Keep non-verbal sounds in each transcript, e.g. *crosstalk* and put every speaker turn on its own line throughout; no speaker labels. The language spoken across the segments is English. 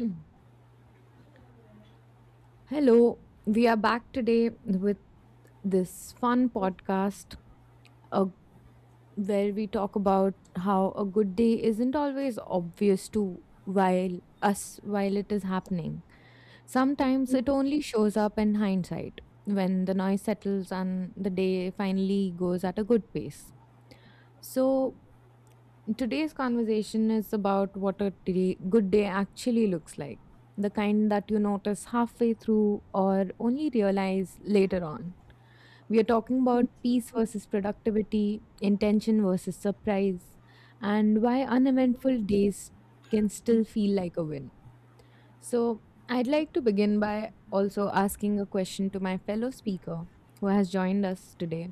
Mm. Hello, we are back today with this fun podcast uh, where we talk about how a good day isn't always obvious to while us while it is happening. Sometimes it only shows up in hindsight when the noise settles and the day finally goes at a good pace. So today's conversation is about what good day actually looks like, the kind that you notice halfway through or only realize later on. We are talking about peace versus productivity, intention versus surprise, and why uneventful days can still feel like a win. So, I'd like to begin by also asking a question to my fellow speaker who has joined us today.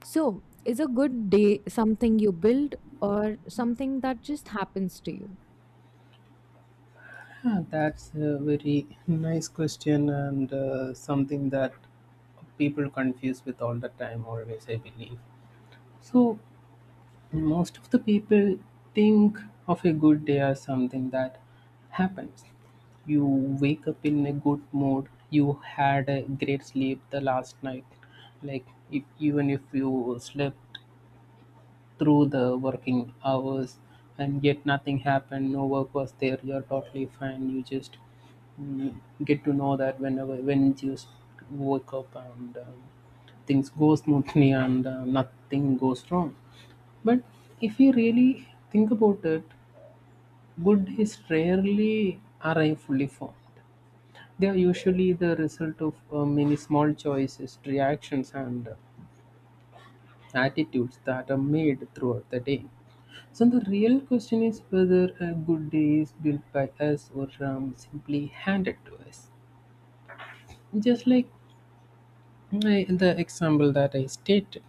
So, is a good day something you build or something that just happens to you?
That's a very nice question and something that people confuse with all the time, always, I believe. So, most of the people think of a good day as something that happens. You wake up in a good mood, you had a great sleep the last night. Like, if, even if you slept through the working hours and yet nothing happened, no work was there, you're totally fine, you just mm, get to know that whenever when you wake up and things go smoothly and nothing goes wrong. But if you really think about it, good days rarely arrive fully formed. They are usually the result of many small choices, reactions, and attitudes that are made throughout the day. So the real question is whether a good day is built by us or simply handed to us. Just like the example that I stated,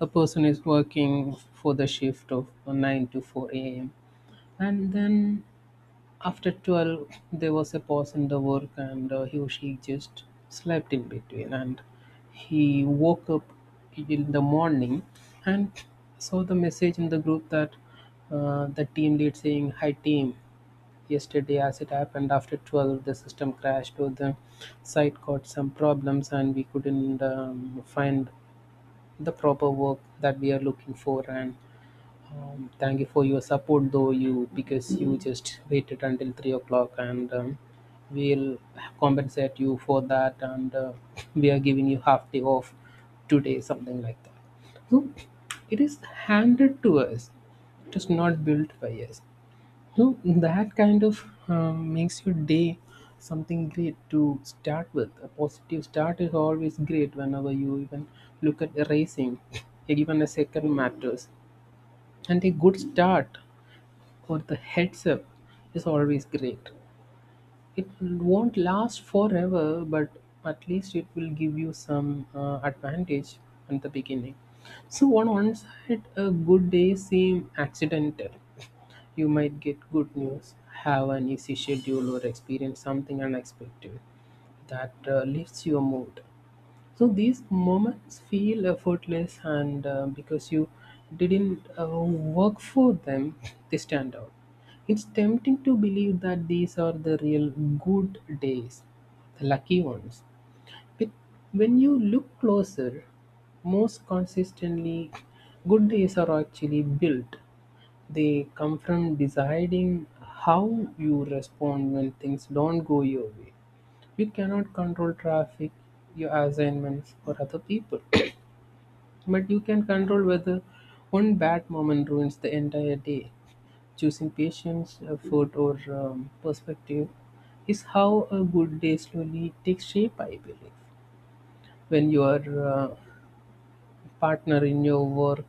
a person is working for the shift of 9 to 4 a.m. and then after 12 there was a pause in the work and he or she just slept in between, and he woke up in the morning and saw the message in the group that the team lead saying, hi team, yesterday as it happened after 12 the system crashed or the site got some problems and we couldn't find the proper work that we are looking for, and thank you for your support, though you because you just waited until 3 o'clock, and we'll compensate you for that, and *laughs* we are giving you half day off today, something like that. So it is handed to us; it is not built by us. So that kind of makes your day something great to start with. A positive start is always great whenever you even look at erasing, *laughs* even a second matters. And a good start or the heads up is always great. It won't last forever, but at least it will give you some advantage at the beginning. So, on one side, a good day seem accidental. You might get good news, have an easy schedule, or experience something unexpected that lifts your mood. So these moments feel effortless, and because you didn't work for them, they stand out. It's tempting to believe that these are the real good days, the lucky ones. But when you look closer, most consistently, good days are actually built. They come from deciding how you respond when things don't go your way. You cannot control traffic, your assignments, or other people, *coughs* but you can control whether one bad moment ruins the entire day. Choosing patience, effort, or perspective is how a good day slowly takes shape, I believe. When your uh, partner in your work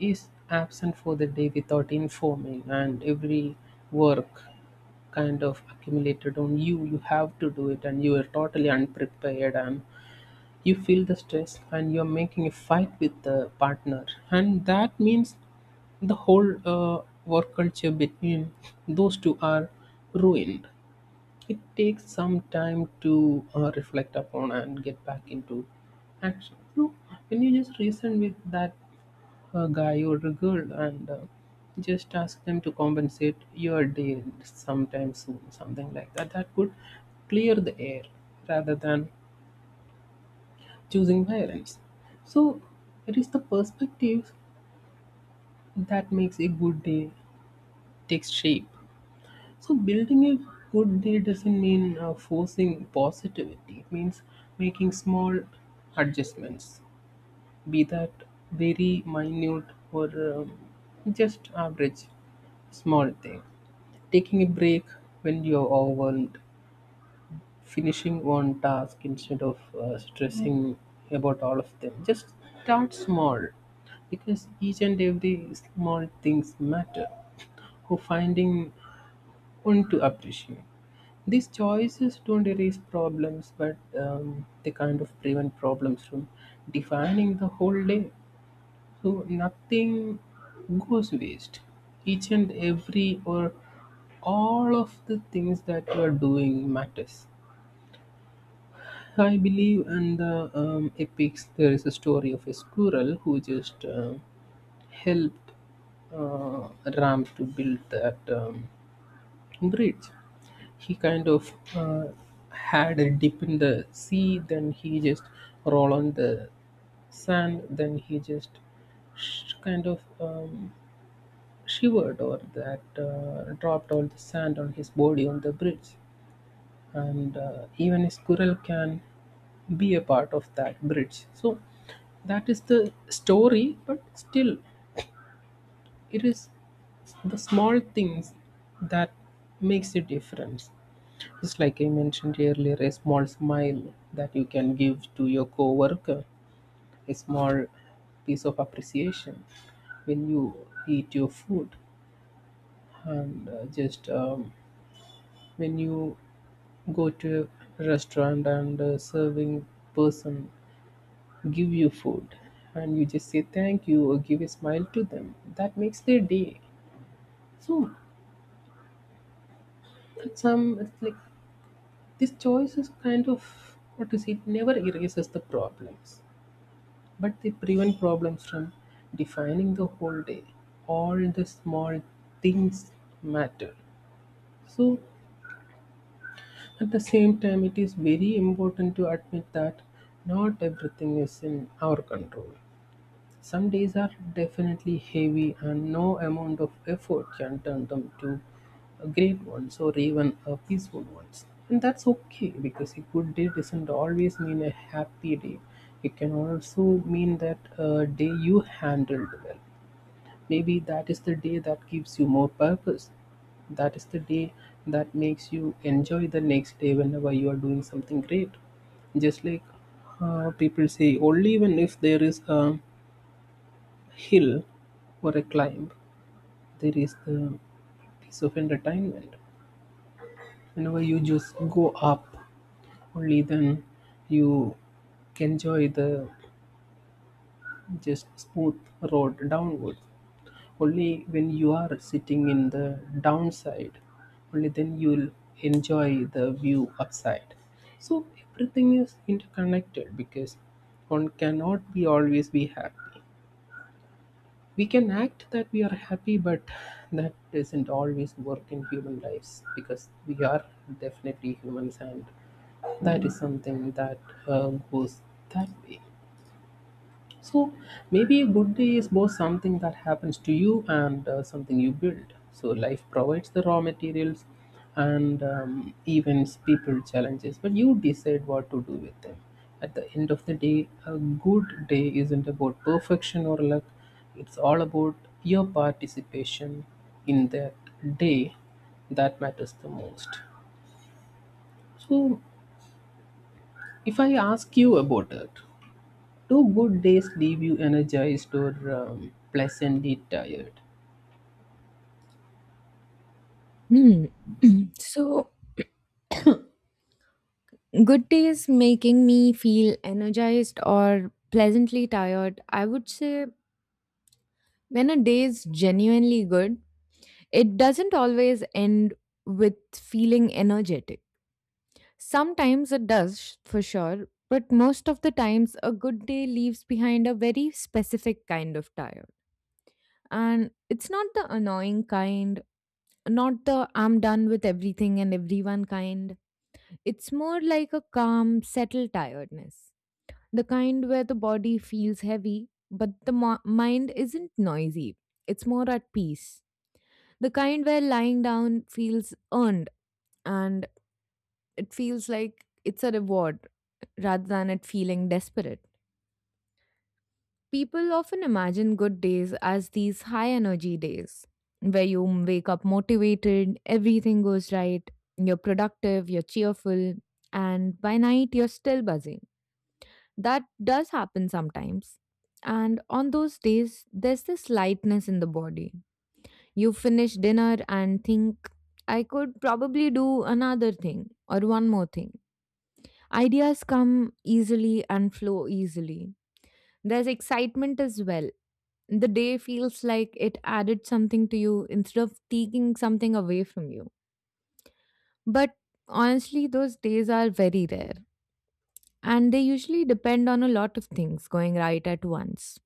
is absent for the day without informing, and every work kind of accumulated on you, you have to do it, and you are totally unprepared and you feel the stress and you're making a fight with the partner, and that means the whole work culture between those two are ruined. It takes some time to reflect upon and get back into action. No, when you just reason with that a guy or a girl and just ask them to compensate your day sometime soon, something like that, that could clear the air rather than choosing violence. So it is the perspective that makes a good day takes shape. So building a good day doesn't mean forcing positivity. It means making small adjustments, be that very minute or um, just average, small thing. Taking a break when you're overwhelmed, finishing one task instead of stressing about all of them, just start small because each and every small things matter, who finding one to appreciate. These choices don't erase problems but they kind of prevent problems from defining the whole day. So nothing goes waste, each and every or all of the things that you are doing matters. I believe in the epics. There is a story of a squirrel who just helped uh, Ram to build that bridge. He kind of had a dip in the sea, then he just rolled on the sand, then he just kind of shivered or that dropped all the sand on his body on the bridge, and even a squirrel can be a part of that bridge. So that is the story, but still it is the small things that makes a difference. Just like I mentioned earlier, a small smile that you can give to your coworker, a small piece of appreciation when you eat your food, and just when you go to a restaurant and a serving person give you food and you just say thank you or give a smile to them, that makes their day. So at some it's like this choice is kind of what to say, it never erases the problems. But they prevent problems from defining the whole day. All the small things matter. So, at the same time, it is very important to admit that not everything is in our control. Some days are definitely heavy, and no amount of effort can turn them to a great ones or even a peaceful ones. And that's okay because a good day doesn't always mean a happy day. It can also mean that a day you handled well. Maybe that is the day that gives you more purpose. That is the day that makes you enjoy the next day whenever you are doing something great. Just like people say only when if there is a hill or a climb, there is the piece of entertainment. Whenever you just go up, only then you enjoy the just smooth road downward. Only when you are sitting in the downside, only then you'll enjoy the view upside. So everything is interconnected because one cannot be always be happy. We can act that we are happy but that doesn't always work in human lives because we are definitely humans, and that is something that goes that way. So maybe a good day is both something that happens to you and something you build. So life provides the raw materials and events, people, challenges, but you decide what to do with them. At the end of the day, a good day isn't about perfection or luck. It's all about your participation in that day that matters the most. So if I ask you about it, do good days leave you energized or pleasantly tired?
Hmm. So, good days making me feel energized or pleasantly tired. I would say when a day is genuinely good, it doesn't always end with feeling energetic. Sometimes it does, for sure, but most of the times a good day leaves behind a very specific kind of tired. And it's not the annoying kind, not the I'm done with everything and everyone kind. It's more like a calm, settled tiredness. The kind where the body feels heavy, but the mind isn't noisy. It's more at peace. The kind where lying down feels earned, and it feels like it's a reward rather than it feeling desperate. People often imagine good days as these high energy days where you wake up motivated, everything goes right, you're productive, you're cheerful, and by night you're still buzzing. That does happen sometimes. And on those days, there's this lightness in the body. You finish dinner and think, I could probably do another thing or one more thing. Ideas come easily and flow easily. There's excitement as well, the day feels like it added something to you instead of taking something away from you. But honestly, those days are very rare. And they usually depend on a lot of things going right at once.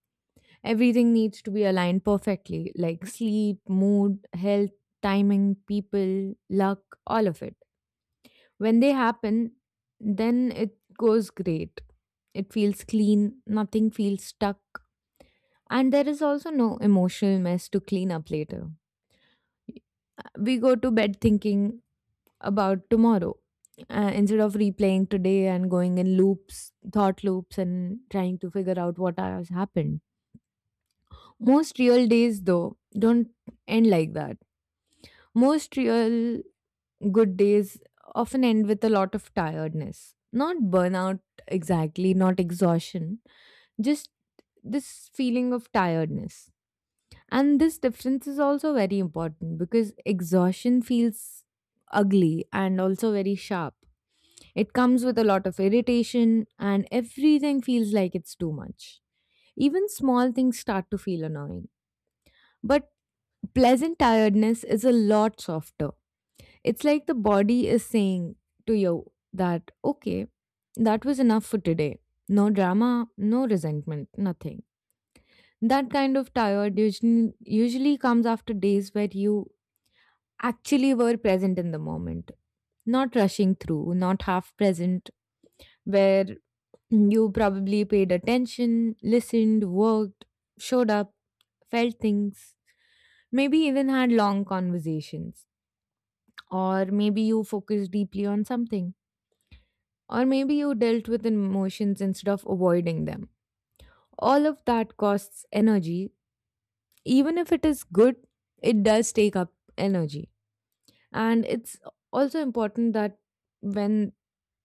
Everything needs to be aligned perfectly, like sleep, mood, health, timing, people, luck, all of it. When they happen, then it goes great. It feels clean, nothing feels stuck. And there is also no emotional mess to clean up later. We go to bed thinking about tomorrow instead of replaying today and going in loops, thought loops, and trying to figure out what has happened. Most real days though don't end like that. Most real good days often end with a lot of tiredness, not burnout exactly, not exhaustion, just this feeling of tiredness. And this difference is also very important because exhaustion feels ugly and also very sharp. It comes with a lot of irritation, and everything feels like it's too much. Even small things start to feel annoying. But pleasant tiredness is a lot softer. It's like the body is saying to you that, okay, that was enough for today. No drama, no resentment, nothing. That kind of tired usually comes after days where you actually were present in the moment, not rushing through, not half present, where you probably paid attention, listened, worked, showed up, felt things, maybe even had long conversations, or maybe you focused deeply on something, or maybe you dealt with emotions instead of avoiding them. All of that costs energy. Even if it is good, it does take up energy. And it's also important that when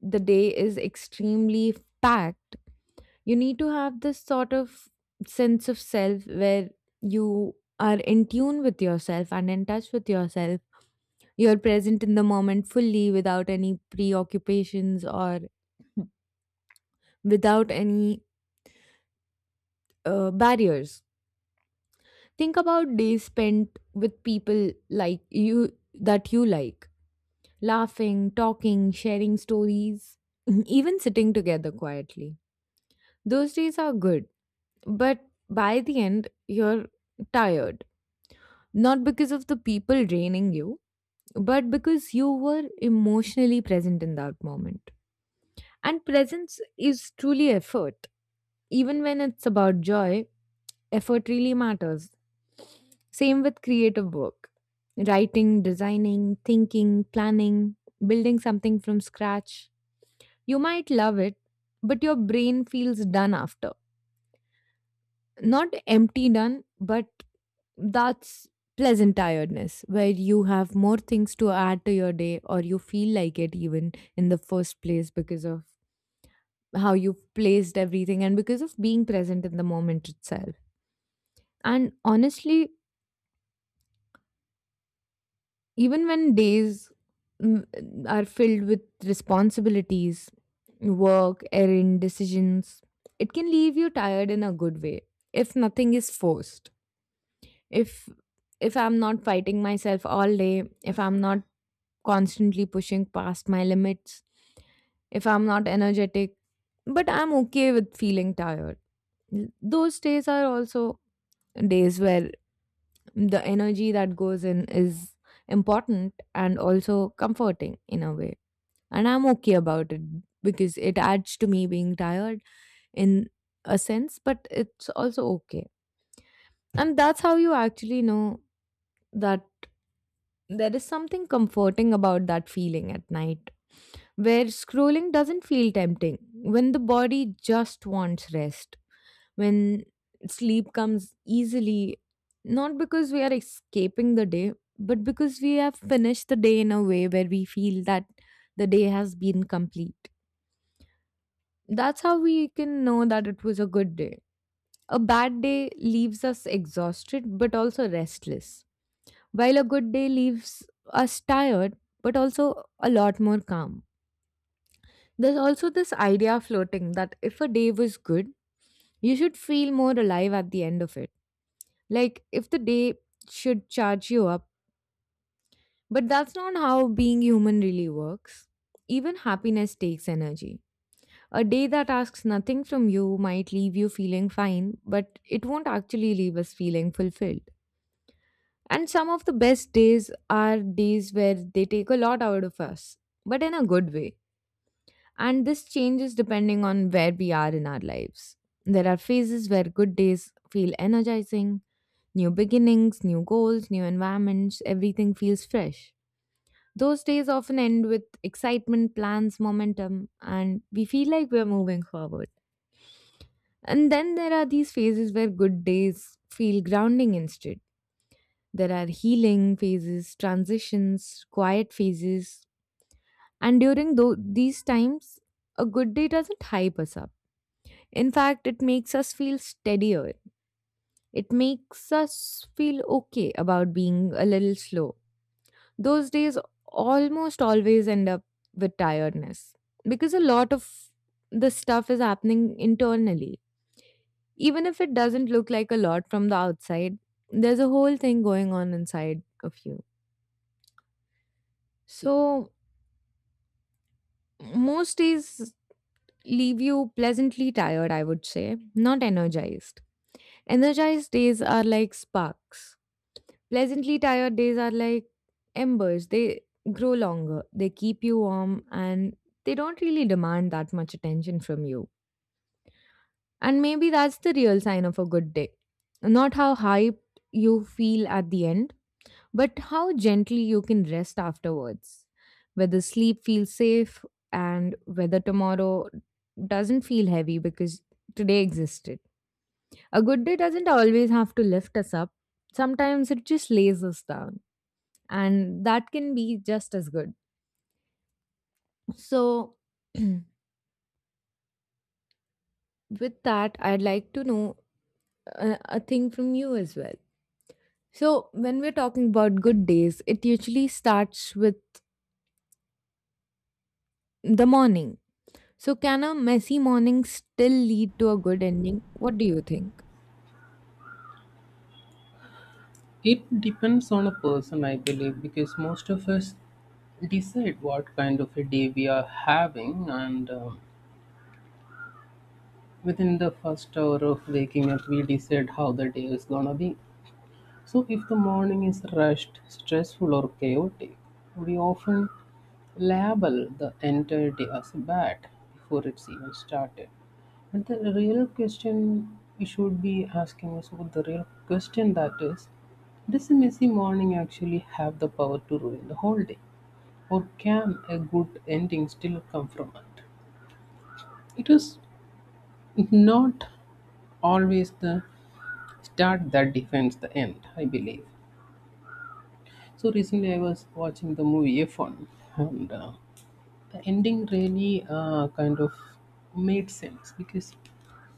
the day is extremely packed, you need to have this sort of sense of self where you are in tune with yourself and in touch with yourself. You're present in the moment fully without any preoccupations or without any barriers. Think about days spent with people like you that you like, laughing, talking, sharing stories, *clears throat* *laughs* even sitting together quietly. Those days are good. But by the end, you're tired. Not because of the people draining you, but because you were emotionally present in that moment. And presence is truly effort. Even when it's about joy, effort really matters. Same with creative work, writing, designing, thinking, planning, building something from scratch. You might love it, but your brain feels done after. Not empty done, but that's pleasant tiredness where you have more things to add to your day, or you feel like it even in the first place because of how you've placed everything and because of being present in the moment itself. And honestly, even when days mm, are filled with responsibilities, work, errand decisions, it can leave you tired in a good way if nothing is forced, if if I'm not fighting myself all day, if I'm not constantly pushing past my limits, if I'm not energetic, but I'm okay with feeling tired. Those days are also days where the energy that goes in is important and also comforting in a way. And I'm okay about it because it adds to me being tired in a sense, but it's also okay. And that's how you actually know that there is something comforting about that feeling at night where scrolling doesn't feel tempting, when the body just wants rest, when sleep comes easily, not because we are escaping the day, but because we have finished the day in a way where we feel that the day has been complete. That's how we can know that it was a good day. A bad day leaves us exhausted but also restless, while a good day leaves us tired but also a lot more calm. There's also this idea floating that if a day was good, you should feel more alive at the end of it. Like if the day should charge you up. But that's not how being human really works. Even happiness takes energy. A day that asks nothing from you might leave you feeling fine, but it won't actually leave us feeling fulfilled. And some of the best days are days where they take a lot out of us, but in a good way. And this changes depending on where we are in our lives. There are phases where good days feel energizing, new beginnings, new goals, new environments, everything feels fresh. Those days often end with excitement, plans, momentum, and we feel like we're moving forward. And then there are these phases where good days feel grounding instead. There are healing phases, transitions, quiet phases. And during these times, a good day doesn't hype us up. In fact, it makes us feel steadier. It makes us feel okay about being a little slow. Those days almost always end up with tiredness because a lot of the stuff is happening internally. Even if it doesn't look like a lot from the outside, there's a whole thing going on inside of you. So, most days leave you pleasantly tired, I would say, not energized. Energized days are like sparks. Pleasantly tired days are like embers. They grow longer, they keep you warm, and they don't really demand that much attention from you. And maybe that's the real sign of a good day. Not how hyped you feel at the end, but how gently you can rest afterwards. Whether sleep feels safe, and whether tomorrow doesn't feel heavy because today existed. A good day doesn't always have to lift us up, sometimes it just lays us down, and that can be just as good. So, *clears throat* with that, I'd like to know a thing from you as well. So, when we're talking about good days, it usually starts with the morning. So, can a messy morning still lead to a good ending? What do you think?
It depends on a person, I believe, because most of us decide what kind of a day we are having, and within the first hour of waking up, we decide how the day is gonna be. So, if the morning is rushed, stressful, or chaotic, we often label the entire day as bad before it's even started. But the real question we should be asking is what the real question that is, does a messy morning actually have the power to ruin the whole day? Or can a good ending still come from it? It is not always the start that defines the end, I believe. So recently, I was watching the movie F1, and the ending really kind of made sense because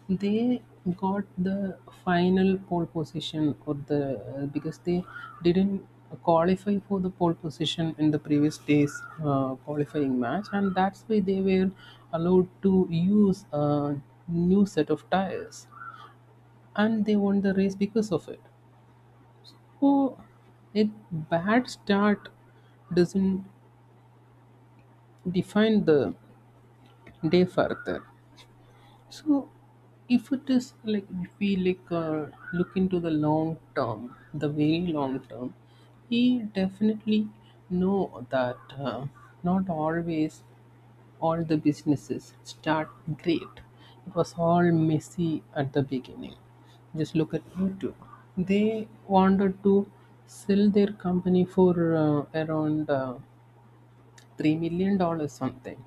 they got the final pole position, or the because they didn't qualify for the pole position in the previous day's qualifying match, and that's why they were allowed to use a new set of tires, and they won the race because of it. Oh, a bad start doesn't define the day further. So, if it is like if we like look into the long term, the very long term, we definitely know that not always all the businesses start great. It was all messy at the beginning. Just look at YouTube. They wanted to sell their company for around $3 million something,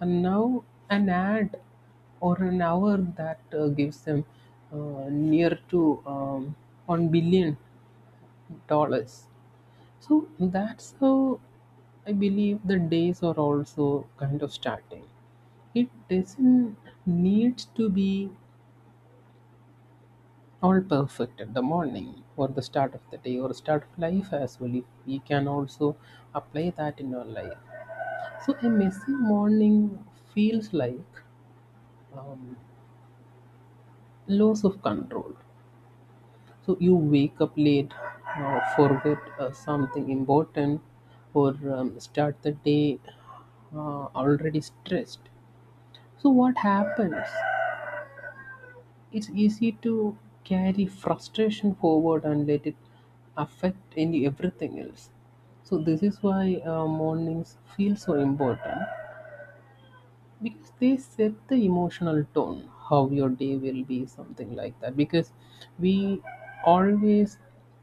and now an ad or an hour that gives them near to $1 billion. So that's how I believe the days are also kind of starting. It doesn't need to be all perfect at the morning or the start of the day or start of life as well. If we can also apply that in our life. So a messy morning feels like um, loss of control. So you wake up late, forget something important, or start the day already stressed. So what happens, it's easy to carry frustration forward and let it affect any everything else. So this is why mornings feel so important because they set the emotional tone how your day will be, something like that, because we always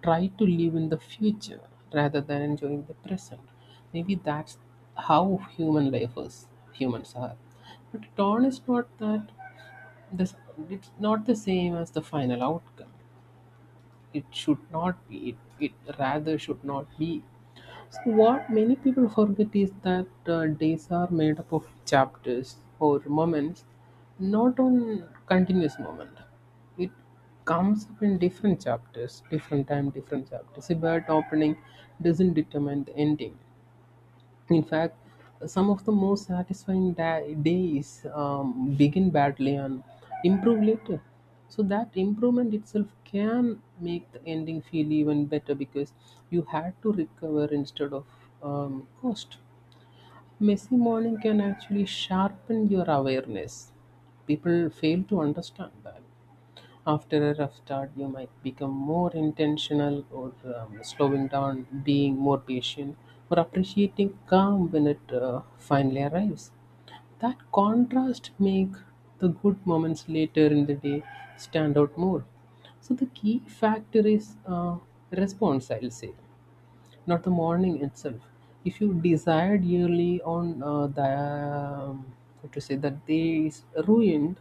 try to live in the future rather than enjoying the present. Maybe that's how human life is, humans are. But tone is not that, this it's not the same as the final outcome. It should not be it, it rather should not be. So what many people forget is that days are made up of chapters or moments, not on continuous moment. It comes up in different chapters, different time, different chapters. A bad opening doesn't determine the ending. In fact, some of the most satisfying days begin badly and improve later. So that improvement itself can make the ending feel even better because you had to recover instead of cost. Messy morning can actually sharpen your awareness. People fail to understand that. After a rough start, you might become more intentional or slowing down, being more patient, or appreciating calm when it finally arrives. That contrast make the good moments later in the day stand out more. So the key factor is response, I'll say, not the morning itself. If you decide yearly on the what to say that day is ruined,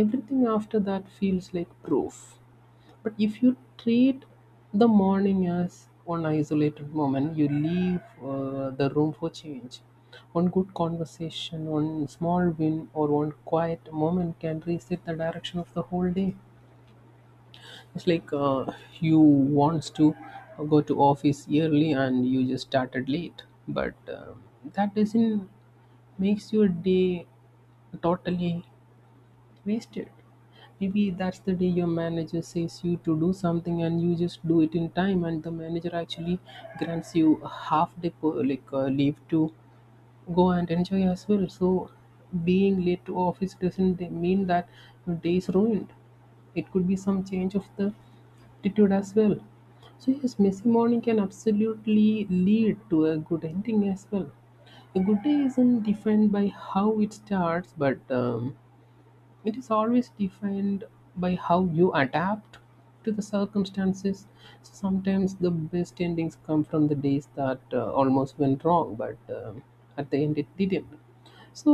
everything after that feels like proof. But if you treat the morning as one isolated moment, you leave the room for change. One good conversation, one small win, or one quiet moment can reset the direction of the whole day. It's like you wants to go to office early and you just started late, but that doesn't makes your day totally wasted. Maybe that's the day your manager says you to do something and you just do it in time, and the manager actually grants you a half day per, like leave to go and enjoy as well. So being late to office doesn't mean that your day is ruined. It could be some change of the attitude as well. So yes, messy morning can absolutely lead to a good ending as well. A good day isn't defined by how it starts, but it is always defined by how you adapt to the circumstances. So sometimes the best endings come from the days that almost went wrong, but at the end it didn't. So,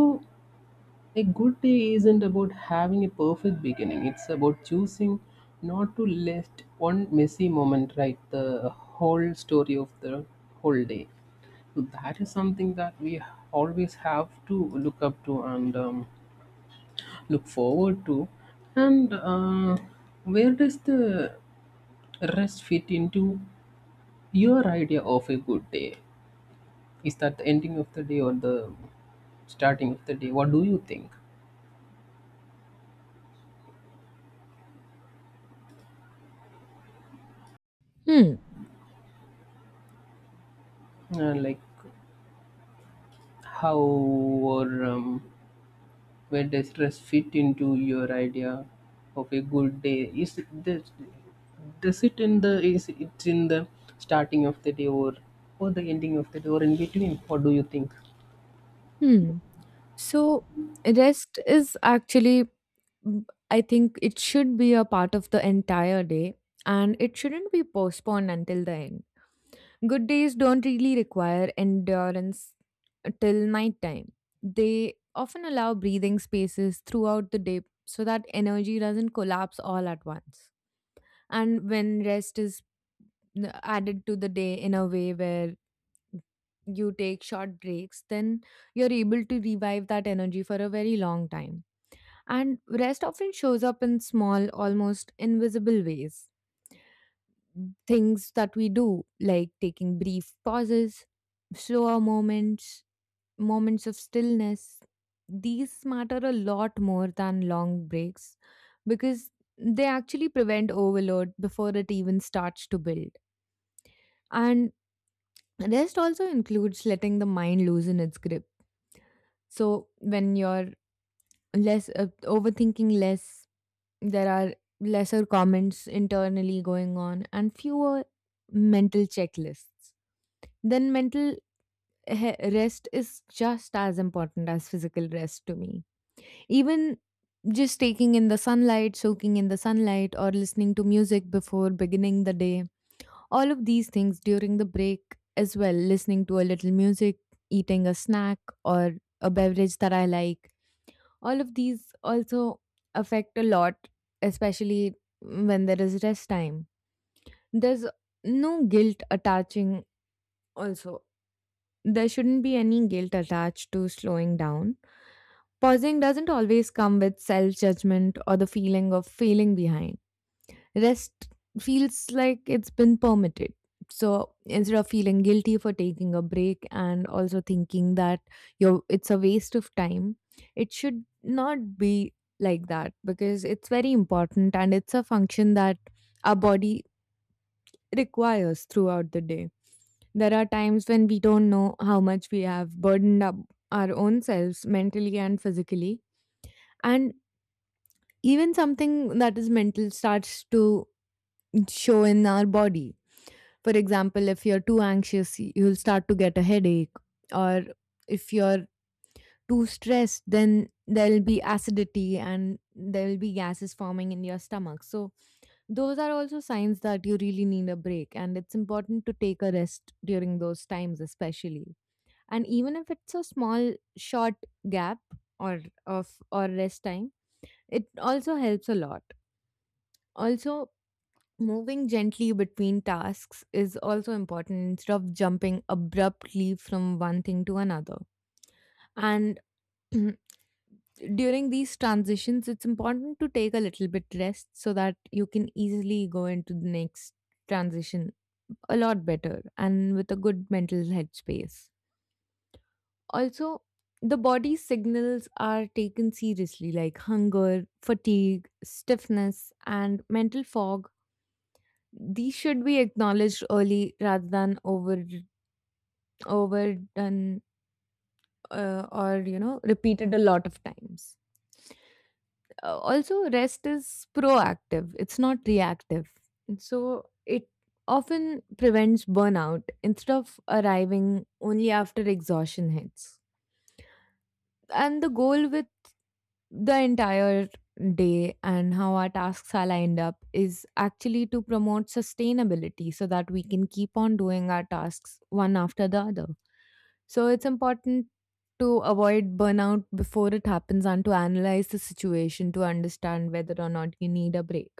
a good day isn't about having a perfect beginning, it's about choosing not to let one messy moment write the whole story of the whole day. So that is something that we always have to look up to and look forward to. And where does the rest fit into your idea of a good day? Is that the ending of the day or the starting of the day? What do you think?
Hmm.
Like how or where does rest fit into your idea of a good day? Is it does it in the is it's in the starting of the day or the ending of the day or in between? What do you think?
Hmm. So, rest is actually, I think it should be a part of the entire day, and it shouldn't be postponed until the end. Good days don't really require endurance till nighttime. They often allow breathing spaces throughout the day so that energy doesn't collapse all at once. And when rest is added to the day in a way where you take short breaks, then you're able to revive that energy for a very long time. And rest often shows up in small, almost invisible ways, things that we do, like taking brief pauses, slower moments, moments of stillness. These matter a lot more than long breaks because they actually prevent overload before it even starts to build. And rest also includes letting the mind loosen its grip. So when you're less overthinking less, there are lesser comments internally going on and fewer mental checklists, then mental rest is just as important as physical rest to me. Even just taking in the sunlight, soaking in the sunlight, or listening to music before beginning the day, all of these things during the break as well, listening to a little music, eating a snack, or a beverage that I like, all of these also affect a lot, especially when there is rest time. There's no guilt attaching, also, there shouldn't be any guilt attached to slowing down. Pausing doesn't always come with self judgment or the feeling of failing behind. Rest feels like it's been permitted. So instead of feeling guilty for taking a break and also thinking that it's a waste of time, it should not be like that because it's very important and it's a function that our body requires throughout the day. There are times when we don't know how much we have burdened up our own selves mentally and physically, and even something that is mental starts to show in our body. For example, if you're too anxious, you'll start to get a headache, or if you're too stressed, then there'll be acidity and there'll be gases forming in your stomach. So, those are also signs that you really need a break, and it's important to take a rest during those times, especially. And even if it's a small, short gap or or rest time, it also helps a lot. Also, moving gently between tasks is also important instead of jumping abruptly from one thing to another. And *clears throat* during these transitions, it's important to take a little bit rest so that you can easily go into the next transition a lot better and with a good mental headspace. Also, the body's signals are taken seriously, like hunger, fatigue, stiffness, and mental fog, these should be acknowledged early rather than overdone, or you know repeated a lot of times. Also rest is proactive, it's not reactive, and so it often prevents burnout instead of arriving only after exhaustion hits. And the goal, the entire day and how our tasks are lined up is actually to promote sustainability so that we can keep on doing our tasks one after the other. So it's important to avoid burnout before it happens and to analyze the situation to understand whether or not you need a break.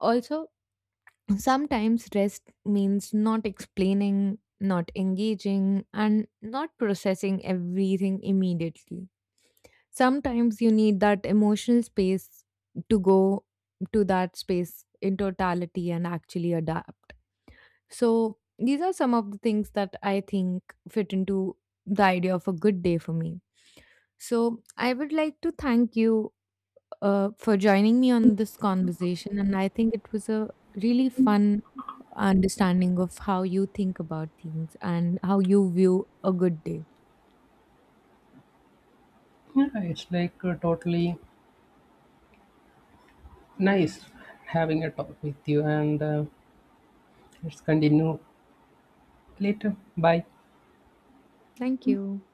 Also, sometimes rest means not explaining, not engaging, and not processing everything immediately. Sometimes you need that emotional space to go to that space in totality and actually adapt. So, these are some of the things that I think fit into the idea of a good day for me. So, I would like to thank you for joining me on this conversation. And I think it was a really fun understanding of how you think about things and how you view a good day.
Yeah, it's like totally nice having a talk with you, and let's continue later. Bye.
Thank you.